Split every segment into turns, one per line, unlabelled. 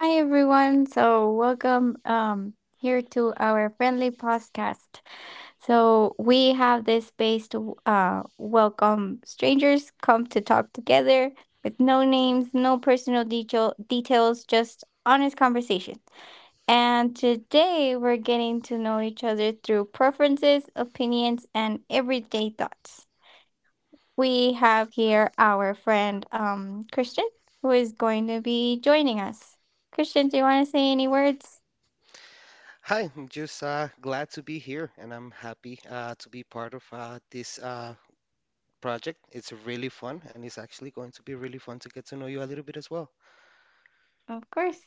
Hi everyone. Welcome here to our friendly podcast. So we have this space to welcome strangers, come to talk together with no names, no personal details, just honest conversation. And today we're getting to know each other through preferences, opinions, and everyday thoughts. We have here our friend Christian, who is going to be joining us. Christian, do you want to say any words?
Hi, I'm just glad to be here and I'm happy to be part of this project. It's really fun and it's actually going to be really fun to get to know you a little bit as well.
Of course.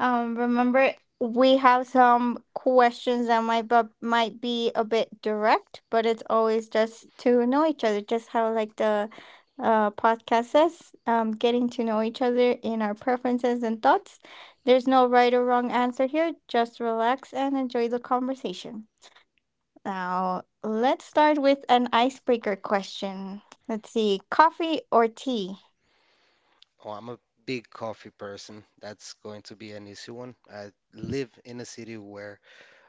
Remember, we have some questions that might be a bit direct, but it's always just to know each other, just how like the podcast says, getting to know each other in our preferences and thoughts. There's no right or wrong answer here. Just relax and enjoy the conversation. Now, let's start with an icebreaker question. Let's see, coffee or tea?
Oh, I'm a big coffee person. That's going to be an easy one. I live in a city where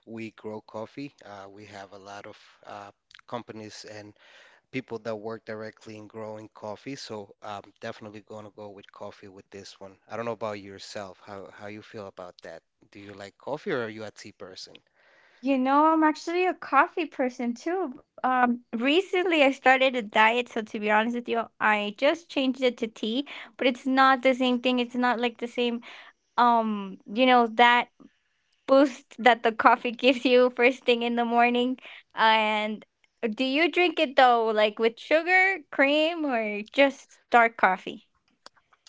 we grow coffee. We have a lot of uh, companies and people that work directly in growing coffee. So I'm definitely going to go with coffee with this one. I don't know about yourself, how you feel about that. Do you like coffee or are you a tea person?
You know, I'm actually a coffee person too. Recently I started a diet, so to be honest with you, I just changed it to tea, but it's not the same thing. It's not like the same, you know, that boost that the coffee gives you first thing in the morning. And do you drink it though, like with sugar, cream, or just dark coffee?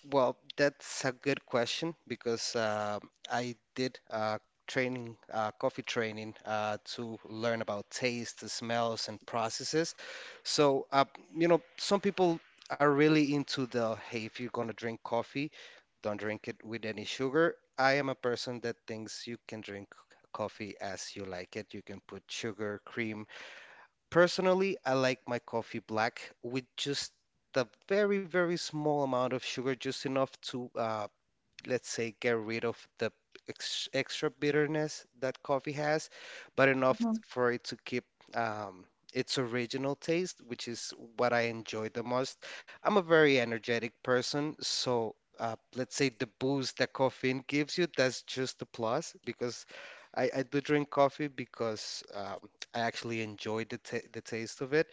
Well, that's a good question because I did training, coffee training, to learn about taste, the smells, and processes. So, some people are really into the, hey, if you're gonna drink coffee, don't drink it with any sugar. I am a person that thinks you can drink coffee as you like it. You can put sugar, cream. Personally, I like my coffee black with just a very, very small amount of sugar, just enough to let's say, get rid of the ex extra bitterness that coffee has, but enough for it to keep um, its original taste, which is what I enjoy the most. I'm a very energetic person, so let's say the boost that caffeine gives you, that's just a plus because I do drink coffee because I actually enjoy the ta the taste of it.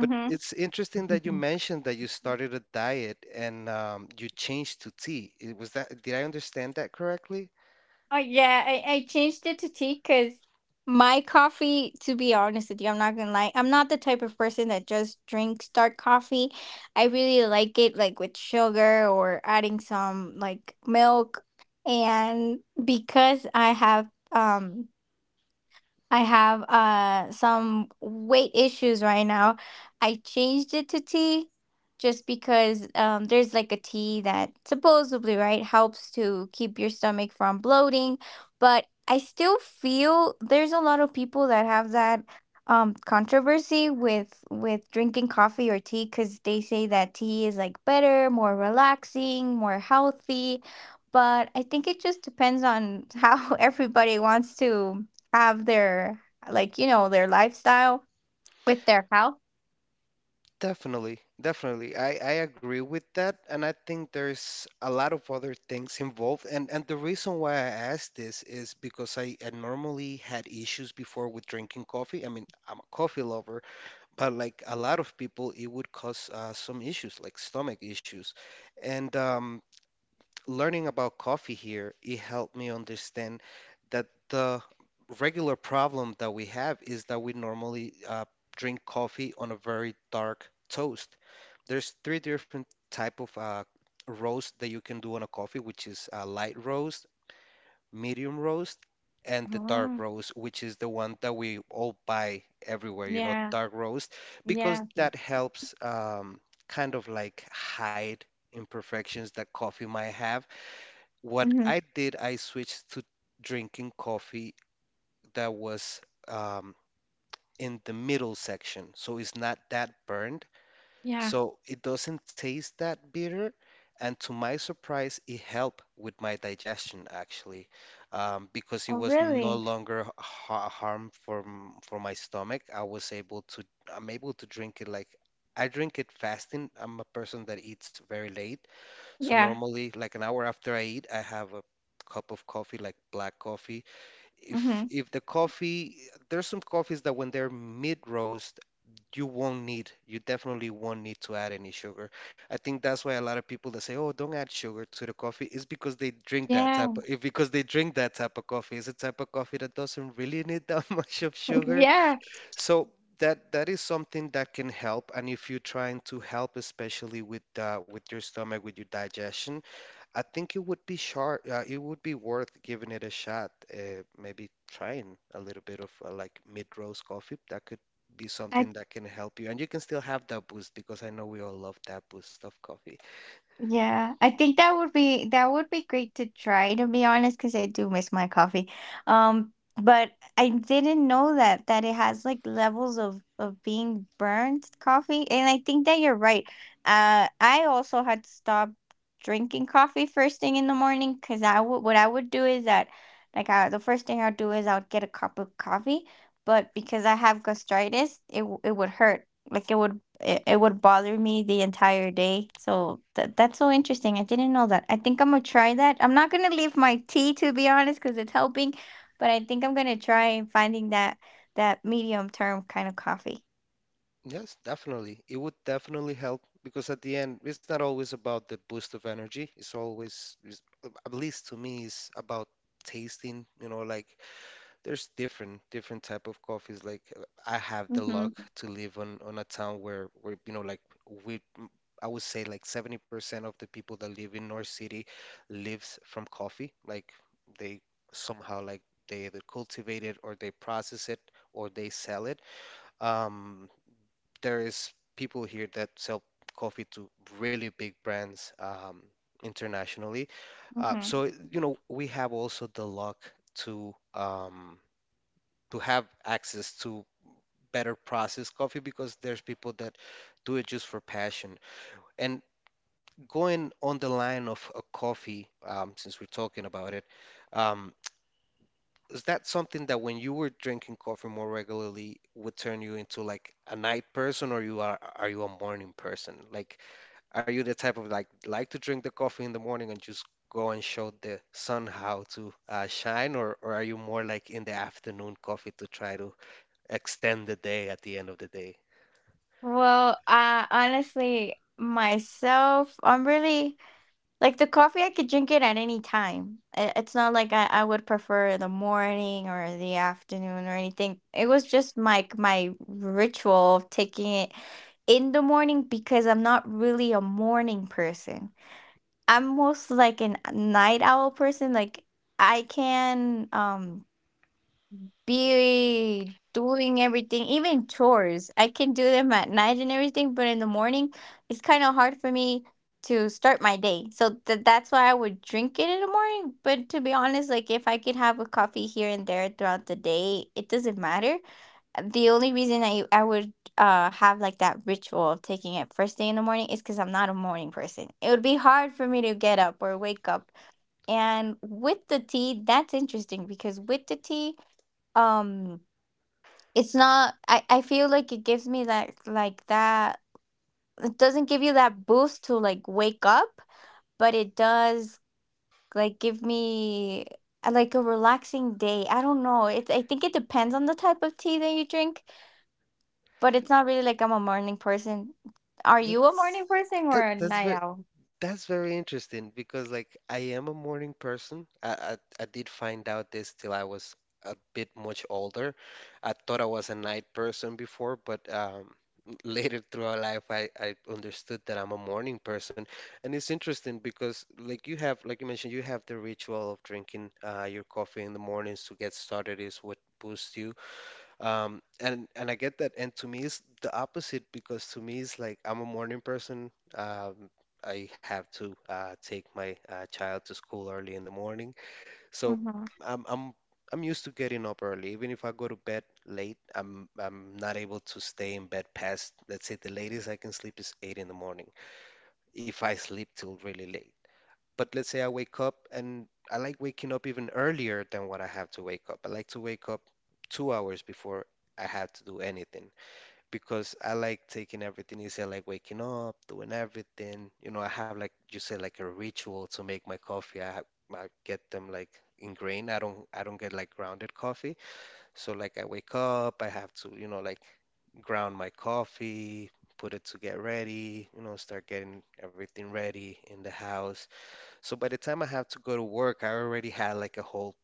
But it's interesting that you mentioned that you started a diet and you changed to tea. Was that, did I understand that correctly?
Oh yeah, I changed it to tea because my coffee, to be honest with you, I'm not gonna lie, I'm not the type of person that just drinks dark coffee. I really like it like with sugar or adding some like milk. And because I have some weight issues right now. I changed it to tea just because there's like a tea that supposedly, right, helps to keep your stomach from bloating. But I still feel there's a lot of people that have that controversy with drinking coffee or tea, cuz they say that tea is like better, more relaxing, more healthy, but I think it just depends on how everybody wants to have their like you know their lifestyle with their health.
Definitely, definitely. I agree with that, and I think there's a lot of other things involved. And the reason why I asked this is because I normally had issues before with drinking coffee. I mean, I'm a coffee lover, but like a lot of people, it would cause some issues, like stomach issues. And learning about coffee here, it helped me understand that the regular problem that we have is that we normally drink coffee on a very dark toast. There's three different type of roast that you can do on a coffee, which is a light roast, medium roast, and the dark
Mm,
roast, which is the one that we all buy everywhere,
yeah,
dark roast,
yeah,
because that helps kind of like hide imperfections that coffee might have. What
hmm,
I did, I switched to drinking coffee that was um, in the middle section, so it's not that burned.
yeah.
So it doesn't taste that bitter, and to my surprise, it helped with my digestion actually, because it
Oh,
was no
really?
longer ha harm for my stomach. I'm able to drink it like I drink it fasting. I'm a person that eats very late, so
Yeah,
normally like an hour after I eat, I have a cup of coffee, like black coffee
hmm,
if the coffee there's some coffees that when they're mid roast you definitely won't need to add any sugar. I think that's why a lot of people that say, oh, don't add sugar to the coffee, is
yeah,
because they drink that type of coffee. It's a type of coffee that doesn't really need that much of sugar.
yeah.
So that is something that can help, and if you're trying to help, especially with your stomach, with your digestion, I think it would be sharp. It would be worth giving it a shot. Maybe trying a little bit of like mid-roast coffee. That could be something that can help you, and you can still have that boost because I know we all love that boost of coffee.
Yeah, I think that would be great to try, to be honest, because I do miss my coffee. Um, but I didn't know that it has like levels of being burnt coffee, and I think that you're right. I also had to stop drinking coffee first thing in the morning because I would what I would do is that like the first thing I'll do is I'll get a cup of coffee, but because I have gastritis, it would hurt. Like it would it would bother me the entire day. So that's so interesting. I didn't know that. I think I'm gonna try that. I'm not gonna leave my tea, to be honest, because it's helping, but I think I'm gonna try and finding that medium term kind of coffee.
Yes, definitely. It would definitely help because at the end, it's not always about the boost of energy. It's always, it's, at least to me, is about tasting. You know, like there's different type of coffees. I have the
Mm-hmm.
luck to live on a town where we m- I would say like 70% of the people that live in North City lives from coffee. Like, they somehow, like, they either cultivate it, or they process it, or they sell it. Um, there is people here that sell coffee to really big brands, internationally. Uh,
Mm-hmm.
so you know we have also the luck to have access to better processed coffee because there's people that do it just for passion. And going on the line of a coffee, since we're talking about it, um, is that something that, when you were drinking coffee more regularly, would turn you into like a night person, or you are you a morning person? Like, are you the type of like to drink the coffee in the morning and just go and show the sun how to shine, or are you more like in the afternoon coffee to try to extend the day at the end of the day?
Well, honestly, myself, I'm really the coffee, I could drink it at any time. I it's not like I would prefer the morning or the afternoon or anything. It was just my ritual of taking it in the morning because I'm not really a morning person. I'm most like an night owl person. Like I can be doing everything, even chores. I can do them at night and everything, but in the morning, it's kind of hard for me to start my day. So that's why I would drink it in the morning. But to be honest, like if I could have a coffee here and there throughout the day, it doesn't matter. The only reason I would have like that ritual of taking it first thing in the morning is because I'm not a morning person. It would be hard for me to get up or wake up. And with the tea, that's interesting because with the tea, um it's not I feel like it gives me that like that it doesn't give you that boost to like wake up, but it does like give me like a relaxing day. I don't know, it's I think it depends on the type of tea that you drink, but it's not really like I'm a morning person. Are you a
That's
morning person or
that
a
that's
night
very
owl?
that's very interesting because, like, I am a morning person. I did find out this till I was a bit much older. I thought I was a night person before, but later throughout life I understood that I'm a morning person. And it's interesting because, like you mentioned you have the ritual of drinking your coffee in the mornings to get started, is what boosts you. And I get that. And to me, it's the opposite because, to me, it's like I'm a morning person. I have to take my child to school early in the morning, so
Mm-hmm.
I'm I'm I'm used to getting up early. Even if I go to bed late, I'm not able to stay in bed past, let's say, the latest I can sleep is 8 in the morning if I sleep till really late. But let's say I wake up, and I like waking up even earlier than what I have to wake up. I like to wake up 2 hours before I have to do anything because I like taking everything easy. I like waking up, doing everything. You know, I have, like you said, like a ritual to make my coffee. I get them like ingrained. I don't get like grounded coffee. So, like, I wake up, I have to, ground my coffee, put it to get ready, start getting everything ready in the house, so by the time I have to go to work, I already had like a whole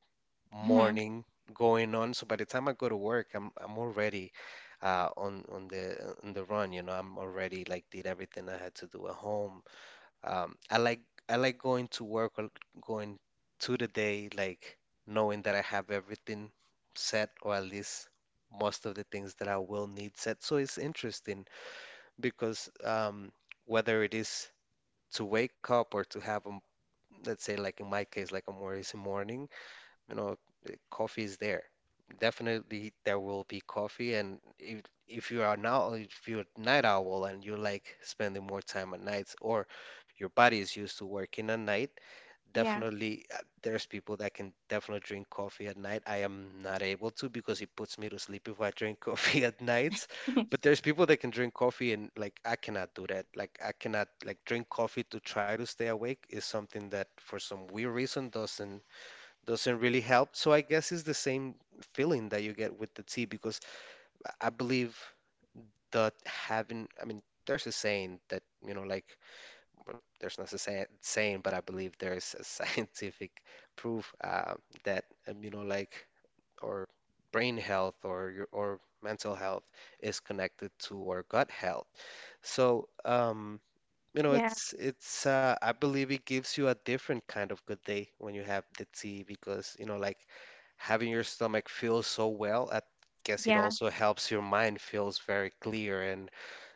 hmm,
morning going on. So by the time I go to work, I'm already on the run. You know, I'm already like did everything I had to do at home. Um, I like I like going to work or going to the day, like knowing that I have everything set, or at least most of the things that I will need set. So it's interesting because, whether it is to wake up or to have a, let's say, like in my case, like a Maurice morning, you know coffee is there. Definitely there will be coffee. And if you are now if you're a night owl and you like spending more time at nights, or your body is used to working at night,
yeah,
definitely, there's people that can definitely drink coffee at night. I am not able to because it puts me to sleep if I drink coffee at nights. But there's people that can drink coffee, and like, I cannot do that. Like, I cannot like drink coffee to try to stay awake, is something that for some weird reason doesn't really help. So I guess it's the same feeling that you get with the tea, because I believe that having, I mean, there's a saying that, well, there's not a saying, but I believe there is a scientific proof that, or brain health, or your or mental health is connected to our gut health. So, you know,
yeah,
it's I believe it gives you a different kind of good day when you have the tea, because, having your stomach feel so well, I guess it
yeah,
also helps your mind feels very clear,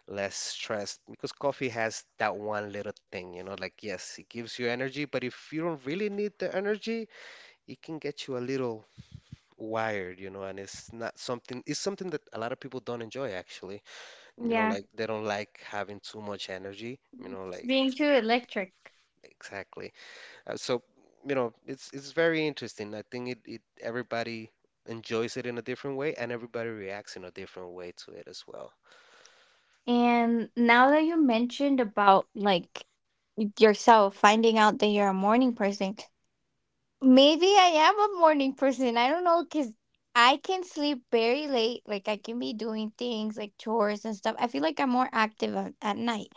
less stressed, because coffee has that one little thing, yes, it gives you energy, but if you don't really need the energy, it can get you a little wired, and it's not something, it's something that a lot of people don't enjoy actually.
yeah,
Like they don't like having too much energy,
it's
like,
being too electric.
exactly. So, it's very interesting. I think it, it everybody enjoys it in a different way, and everybody reacts in a different way to it as well.
And now that you mentioned about like yourself finding out that you're a morning person, maybe I am a morning person. I don't know because I can sleep very late. Like I can be doing things like chores and stuff. I feel like I'm more active at night,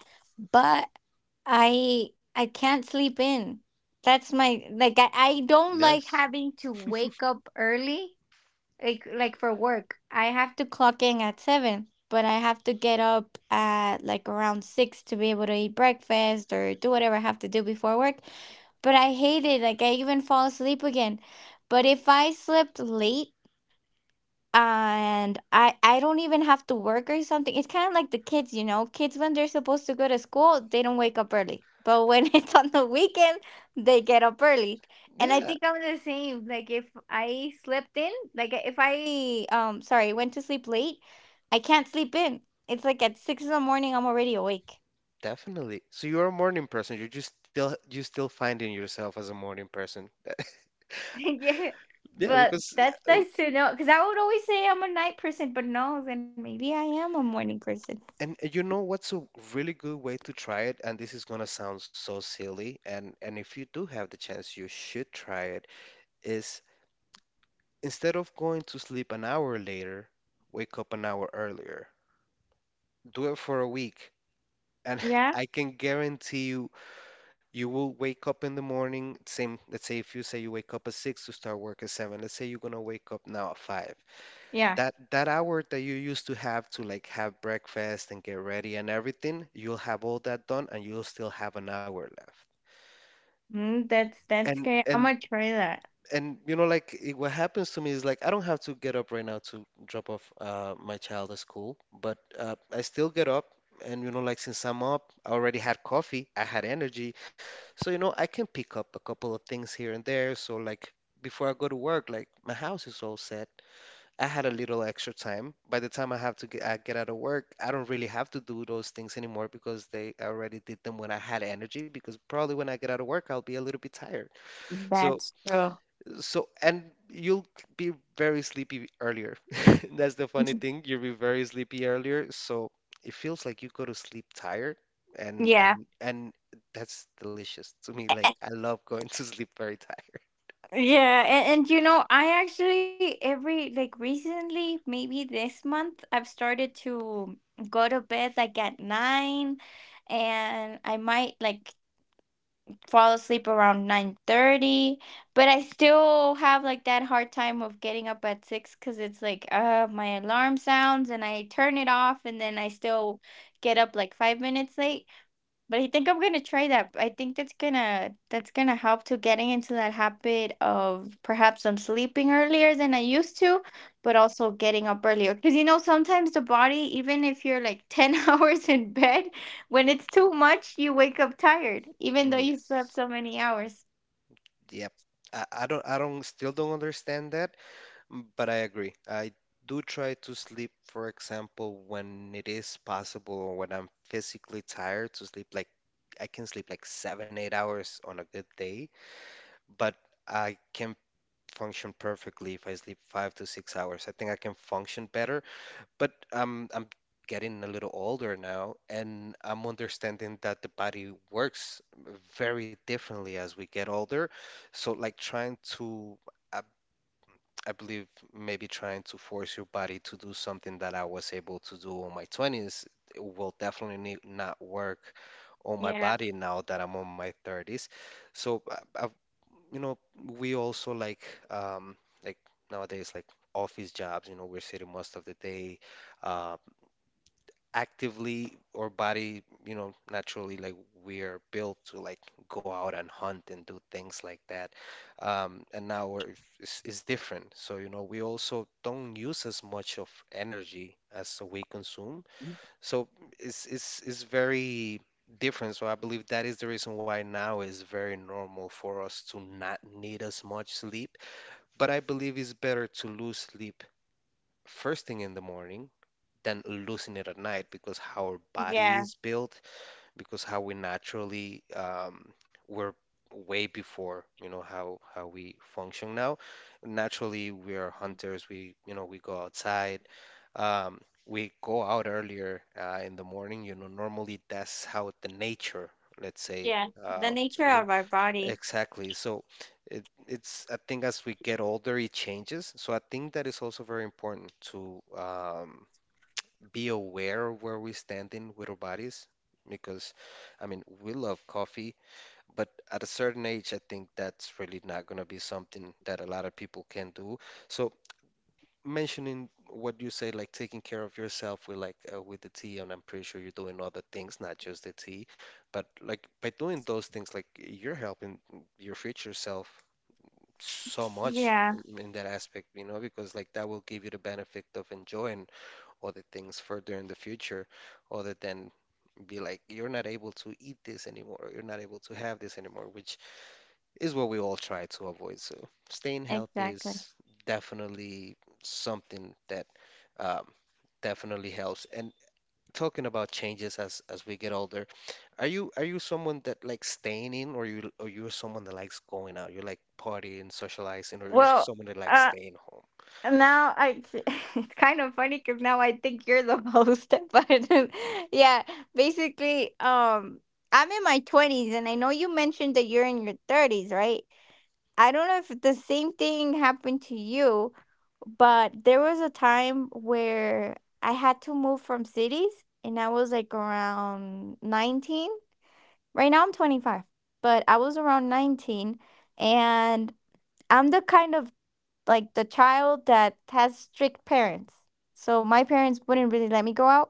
but I I can't sleep in. That's my like I don't like
Yes.
having to wake up early, like for work. I have to clock in at seven, but I have to get up at like around six to be able to eat breakfast or do whatever I have to do before work. But I hate it. Like I even fall asleep again. But if I slept late and I don't even have to work or something, it's kind of like the kids, you know. Kids, when they're supposed to go to school, they don't wake up early, but when it's on the weekend, they get up early. And I
Yeah.
think I'm the same. Like if I slept in, like if I sorry, went to sleep late, I can't sleep in. It's like at six in the morning, I'm already awake.
Definitely. So you're a morning person. You still finding yourself as a morning person.
Yeah.
Yeah,
But
because
that's
Uh,
nice to know. Because I would always say I'm a night person, but no, then maybe I am a morning person.
And you know what's a really good way to try it? And this is gonna sound so silly, and if you do have the chance, you should try it, is instead of going to sleep an hour later, wake up an hour earlier. Do it for a week. And
Yeah.
I can guarantee you, you will wake up in the morning, same, let's say, if you say you wake up at 6 to start work at 7, let's say you're gonna wake up now at 5.
Yeah.
That hour that you used to have to like have breakfast and get ready and everything, you'll have all that done, and you'll still have an hour left.
Mm, that's
And
great. I'm
and
gonna try that.
and you know, like what happens to me is like I don't have to get up right now to drop off my child at school, but I still get up, and you know, like, since I'm up, I already had coffee, I had energy, so you know I can pick up a couple of things here and there. So like before I go to work, like my house is all set. I had a little extra time. By the time I get out of work, I don't really have to do those things anymore because they I already did them when I had energy. Because probably when I get out of work, I'll be a little bit tired. So,
That's true.
so, and you'll be very sleepy earlier. That's the funny
Mhm.
thing. You'll be very sleepy earlier. So it feels like you go to sleep tired, and
Yeah.
and and that's delicious to me. Like, I love going to sleep very tired.
Yeah, and you know, I actually every like recently, maybe this month, I've started to go to bed like at nine, and I might like fall asleep around 9:30, but I still have like that hard time of getting up at six because it's like my alarm sounds and I turn it off and then I still get up like 5 minutes late. But I think I'm gonna try that. I think that's gonna help to getting into that habit of perhaps I'm sleeping earlier than I used to, but also getting up earlier. Because you know, sometimes the body, even if you're like 10 hours in bed, when it's too much, you wake up tired, even though you slept
Yes.
so many hours.
Yep. I don't still don't understand that. But I agree. I do try to sleep, for example, when it is possible or when I'm physically tired to sleep. Like, I can sleep like 7, 8 hours on a good day, but I can function perfectly if I sleep 5 to 6 hours. I think I can function better, but I'm getting a little older now, and I'm understanding that the body works very differently as we get older. So, like trying to uh, I believe maybe trying to force your body to do something that I was able to do on my 20s will definitely not work on my
Yeah.
body now that I'm on my 30s. So, you know, we also, like um like nowadays, like office jobs, you know, we're sitting most of the day. Uh, Actively, our body, you know, naturally, like we are built to like go out and hunt and do things like that. And now it's different. So, we also don't use as much of energy as we consume. So it's very different. So I believe that is the reason why now is very normal for us to not need as much sleep. But I believe it's better to lose sleep first thing in the morning than losing it at night because how our body
Yeah.
is built, because how we naturally we're way before, you know, how we function now. Naturally, we are hunters. We go outside. Um, we go out earlier in the morning. Normally, that's how the nature, let's say,
Yeah. The
uh,
nature
really-
of our body.
exactly. So it, it's I think as we get older, it changes. So I think that is also very important to be aware of where we're standing with our bodies, because I mean, we love coffee, but at a certain age I think that's really not gonna be something that a lot of people can do. So mentioning what you say, like taking care of yourself with the tea, and I'm pretty sure you're doing other things, not just the tea, but like by doing those things, like, you're helping your future self so much
Yeah,
in that aspect, you know, because like that will give you the benefit of enjoying other things further in the future, other than be like, you're not able to eat this anymore, you're not able to have this anymore, which is what we all try to avoid. So staying healthy
exactly.
is definitely something that um, definitely helps. And talking about changes as we get older, are you someone that likes staying in, or you're someone that likes going out? You like partying, socializing, or you're
Well,
someone that likes
uh
staying home?
and now it's kind of funny because now I think you're the host. But yeah, basically, I'm in my 20s, and I know you mentioned that you're in your 30s, right? I don't know if the same thing happened to you, but there was a time where I had to move from cities, and I was like around 19. Right now, I'm 25, but I was around 19, and I'm the kind of like the child that has strict parents. So my parents wouldn't really let me go out.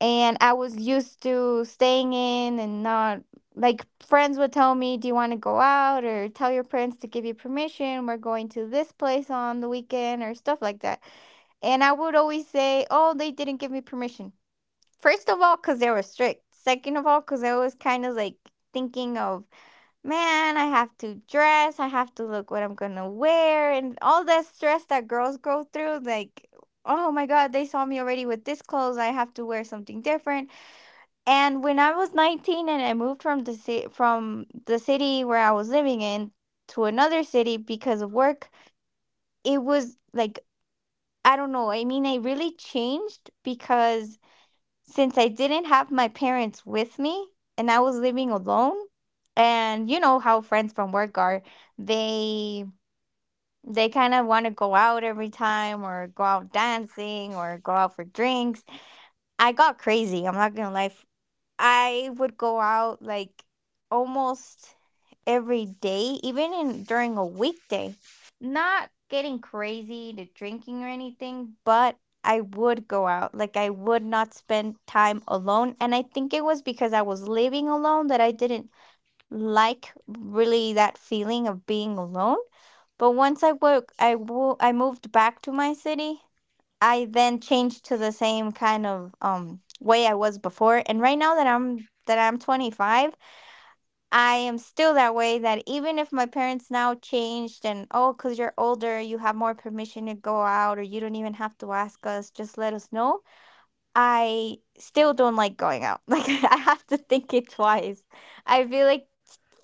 And I was used to staying in and not like friends would tell me, do you want to go out? Or tell your parents to give you permission. We're going to this place on the weekend or stuff like that. And I would always say, oh, they didn't give me permission. First of all, because they were strict. Second of all, because I was kind of like thinking of, man, I have to dress, I have to look what I'm gonna wear, and all that stress that girls go through. Like, oh my god, they saw me already with this clothes. I have to wear something different. And when I was 19 and I moved from from the city where I was living in to another city because of work, it was like I don't know. I mean, I really changed because since I didn't have my parents with me and I was living alone, and you know how friends from work are, they kind of want to go out every time or go out dancing or go out for drinks. I got crazy. I'm not going to lie. I would go out like almost every day, even in during a weekday. Not getting crazy to drinking or anything, but I would go out. Like I would not spend time alone. And I think it was because I was living alone that I didn't like really that feeling of being alone. But once I woke, I moved back to my city. I then changed to the same kind of way I was before. And right now that I'm 25, I am still that way that even if my parents now changed and, oh, cuz you're older, you have more permission to go out or you don't even have to ask us, just let us know. I still don't like going out. Like I have to think it twice. I feel like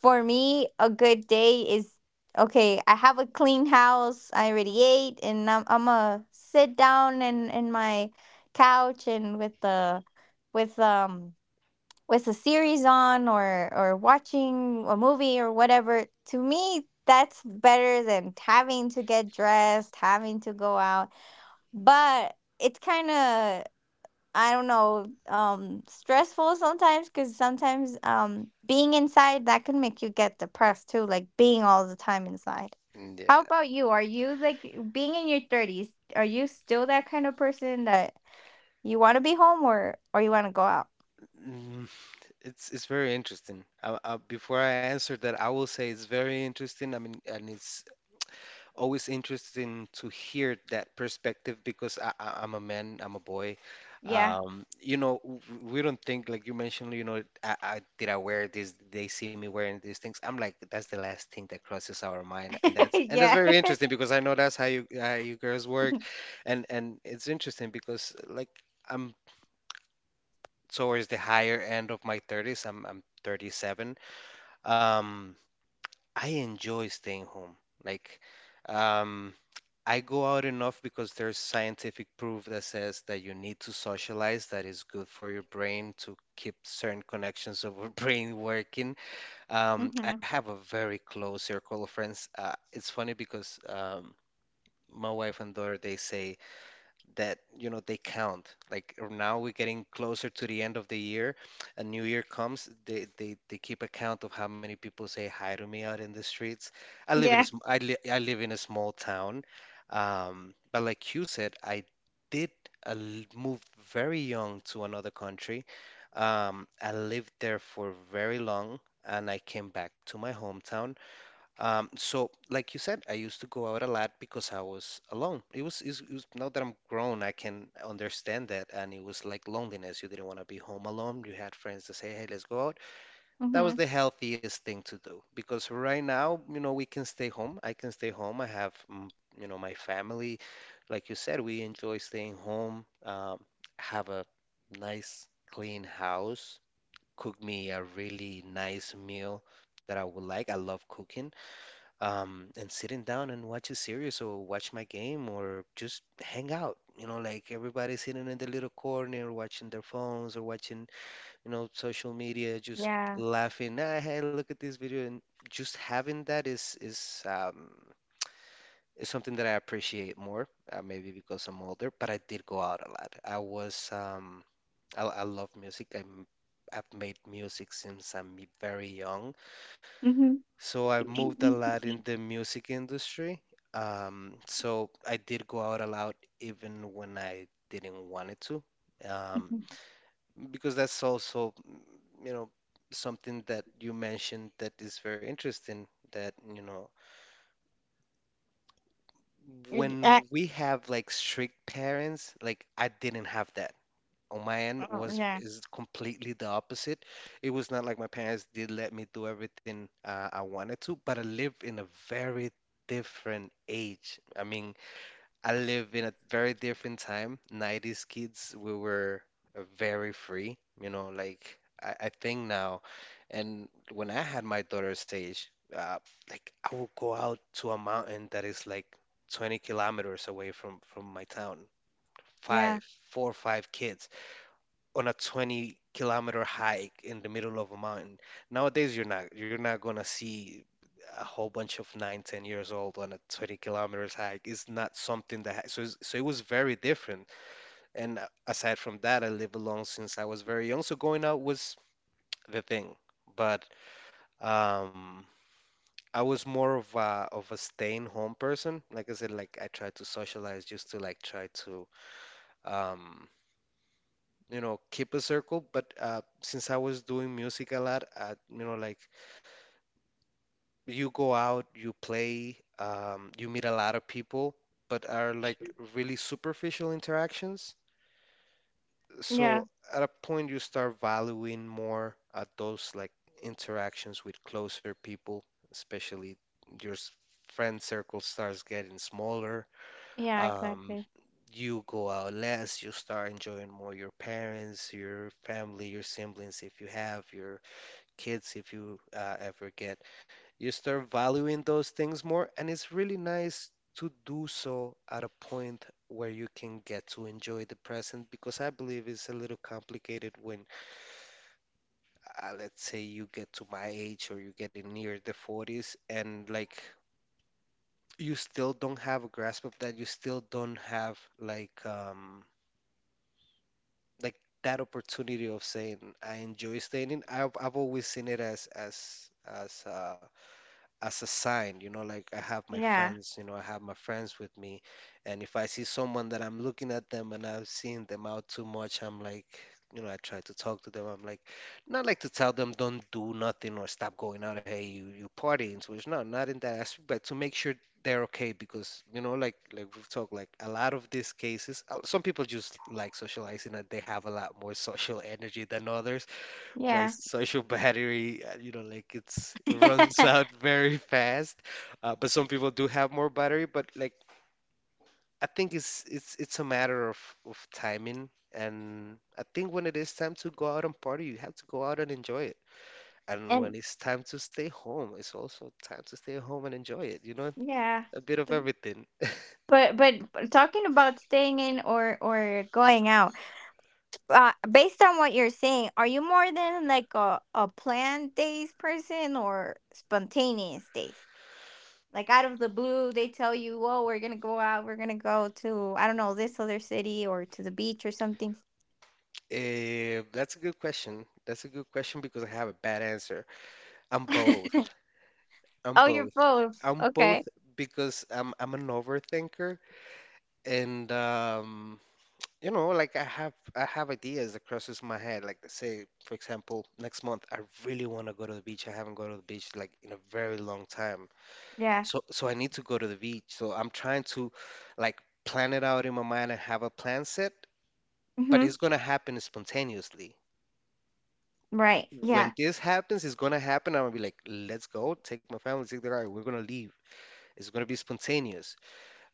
for me, a good day is okay. I have a clean house. I already ate, and I'm a sit down in my couch and with the with um with a series on or watching a movie or whatever. To me, that's better than having to get dressed, having to go out. But it's kind of, I don't know, stressful sometimes because sometimes being inside that can make you get depressed too, like being all the time inside. How
Yeah.
about you? Are you, like, being in your 30s, are you still that kind of person that you want to be home or you want to go out?
It's very interesting. Before I answer that, I will say it's very interesting. I mean, and it's always interesting to hear that perspective because I'm a man, I'm a boy.
Yeah.
Um, you know, w- we don't think like you mentioned. I did I wear this? Did they see me wearing these things? I'm like, that's the last thing that crosses our mind, and that's
Yeah.
very interesting, because I know that's how you girls work, and it's interesting because like I'm towards the higher end of my 30s. I'm 37. um, I enjoy staying home. Like, um, I go out enough because there's scientific proof that says that you need to socialize, that is good for your brain to keep certain connections of your brain working. I
Mm-hmm.
have a very close circle of friends. It's funny because my wife and daughter, they say that they count. Like, now we're getting closer to the end of the year, a New Year comes, they keep account of how many people say hi to me out in the streets.
Yeah.
I live in a small town, but like you said, I did move very young to another country. I lived there for very long, and I came back to my hometown. So, like you said, I used to go out a lot because I was alone. Now that I'm grown, I can understand that. And it was like loneliness. You didn't want to be home alone. You had friends to say, hey, let's go out. That was
Mm-hmm.
the healthiest thing to do because right now, we can stay home. I can stay home. I have, my family. Like you said, we enjoy staying home, have a nice, clean house, cook me a really nice meal that I would like. I love cooking, and sitting down and watch a series or watch my game or just hang out. You know, like everybody sitting in the little corner watching their phones or watching, social media, just
Yeah.
laughing. Ah, hey, look at this video, and just having that is something that I appreciate more. Maybe because I'm older, but I did go out a lot. I love music. I've made music since I'm very young.
Mm-hmm.
So I moved a lot in the music industry. So I did go out a lot even when I didn't want it to. Um, because that's also, something that you mentioned that is very interesting, that, when
Yeah.
we have like strict parents, like I didn't have that. Mine
Oh,
was
yeah.
is completely the opposite. It was not like my parents did let me do everything I wanted to, but I lived in a very different age. I mean, I live in a very different time. 90s kids, we were very free, you know, like I think now. And when I had my daughter's age, uh, like I would go out to a mountain that is like 20 kilometers away from my town.
Yeah.
Five, four or five kids on a 20-kilometer hike in the middle of a mountain. Nowadays, you're not gonna see a whole bunch of 9, 10 years old on a 20 kilometers hike. It's not something that so it was very different. And aside from that, I live alone since I was very young, so going out was the thing. But um, I was more of a staying home person. Like I said, like I tried to socialize just to like try to um keep a circle but since I was doing music a lot you know, like you go out, you play, you meet a lot of people but are like really superficial interactions,
Yeah.
so at a point you start valuing more at those like interactions with closer people, especially your friend circle starts getting smaller.
Yeah,
um,
exactly.
you go out less, you start enjoying more your parents, your family, your siblings if you have, your kids if you ever get. You start valuing those things more, and it's really nice to do so at a point where you can get to enjoy the present, because I believe it's a little complicated when, let's say, you get to my age or you're getting near the 40s and like you still don't have a grasp of that. You still don't have like that opportunity of saying I enjoy staying in. I've always seen it as as a sign, you know, like I have my
Yeah.
friends, you know, I have my friends with me. And if I see someone that I'm looking at them and I've seen them out too much, I'm like, you know, I try to talk to them. I'm like, not like to tell them don't do nothing or stop going out. Hey, you partying too much. No, not in that aspect, but to make sure they're okay, because you know, like we've talked, like a lot of these cases, some people just like socializing and they have a lot more social energy than others. My
Yeah.
social battery, you know, like it runs out very fast. But some people do have more battery, but like I think it's a matter of timing. And I think when it is time to go out and party, you have to go out and enjoy it. And when
And
it's time to stay home, it's also time to stay home and enjoy it. You know,
yeah.
a bit of
Th-
everything.
But talking about staying in or going out, based on what you're saying, are you more than like a planned days person or spontaneous days? Like out of the blue, they tell you, "Oh, we're gonna go out. We're gonna go to, I don't know, this other city or to the beach or something."
That's a good question. That's a good question because I have a bad answer. I'm both. I'm
Oh,
both.
you're both.
I'm both
Okay.
because I'm an overthinker and you know, like I have ideas that crosses my head, like say for example next month I really want to go to the beach, I haven't gone to the beach like in a very long time,
Yeah.
so I need to go to the beach, so I'm trying to like plan it out in my mind and have a plan set, but
Mm-hmm.
it's gonna happen spontaneously.
Right.
When
Yeah.
this happens, it's gonna happen, I'm gonna be like, let's go, take my family, take the ride, we're gonna leave, it's gonna be spontaneous,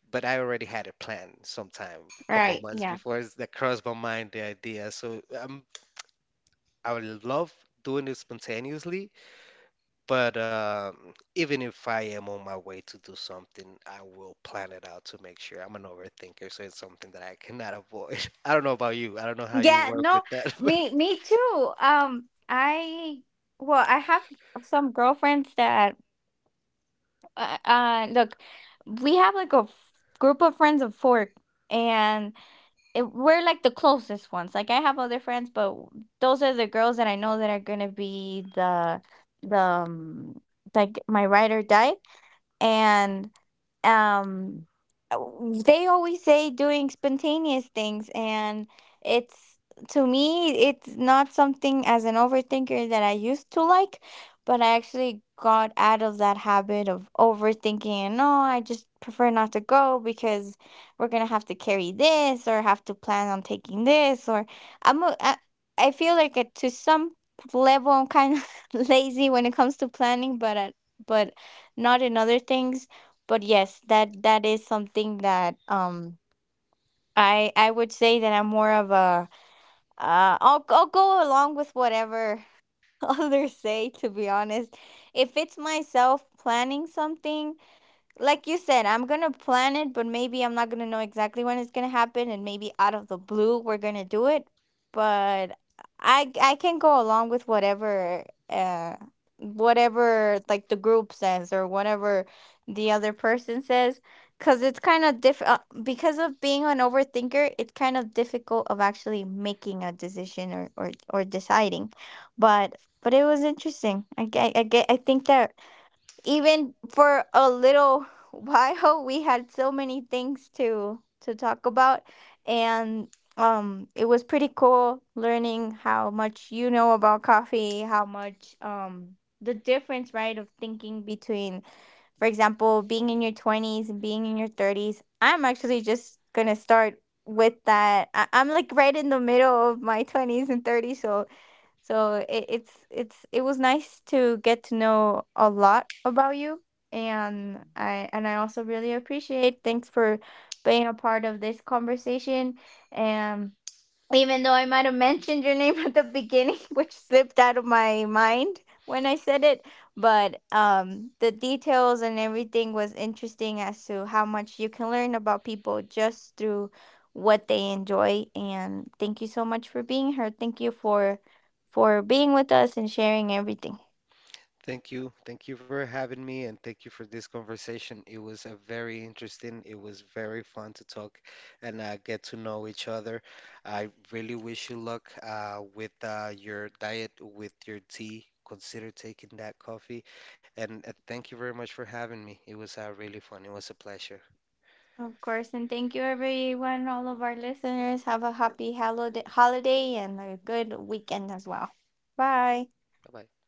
but I already had it planned sometime a couple
Right.
months
Yeah.
before that crossed my mind, the idea. So I would love doing it spontaneously, but even if I am on my way to do something, I will plan it out to make sure. I'm an overthinker, so it's something that I cannot avoid. I don't know about you. I don't know how you
Yeah,
work with
no,
that.
me too. I, well, I have some girlfriends that look, we have like a group of friends of 4, and it, we're like the closest ones. Like I have other friends, but those are the girls that I know that are gonna be the the um, like my ride or die. And um they always say doing spontaneous things, and it's, to me it's not something, as an overthinker, that I used to like, but I actually got out of that habit of overthinking, and no, I just prefer not to go because we're gonna have to carry this or have to plan on taking this or i'm a, I, I feel like at, to some level, I'm kind of lazy when it comes to planning, but at, but not in other things, but yes, that is something that I would say that I'm more of a I'll go along with whatever others say, to be honest. If it's myself planning something, like you said, I'm gonna plan it, but maybe I'm not gonna know exactly when it's gonna happen, and maybe out of the blue we're gonna do it. But I can go along with whatever uh whatever like the group says or whatever the other person says, because it's kind of diff because of being an overthinker, it's kind of difficult of actually making a decision or deciding. But it was interesting. I get, I think that even for a little while we had so many things to talk about, and it was pretty cool learning how much you know about coffee, how much the difference, right, of thinking between, for example, being in your 20s and being in your 30s. I'm actually just gonna start with that. I'm like right in the middle of my 20s and 30s, so it, it's it was nice to get to know a lot about you, and I also really appreciate, thanks for being a part of this conversation. And even though I might have mentioned your name at the beginning, which slipped out of my mind when I said it. But the details and everything was interesting as to how much you can learn about people just through what they enjoy. And thank you so much for being here. Thank you for being with us and sharing everything.
Thank you. Thank you for having me, and thank you for this conversation. It was a very interesting, it was very fun to talk and get to know each other. I really wish you luck with your diet, with your tea. Consider taking that coffee. And thank you very much for having me. It was really fun. It was a pleasure.
Of course, and thank you everyone, all of our listeners. Have a happy holiday and a good weekend as well. Bye.
Bye bye.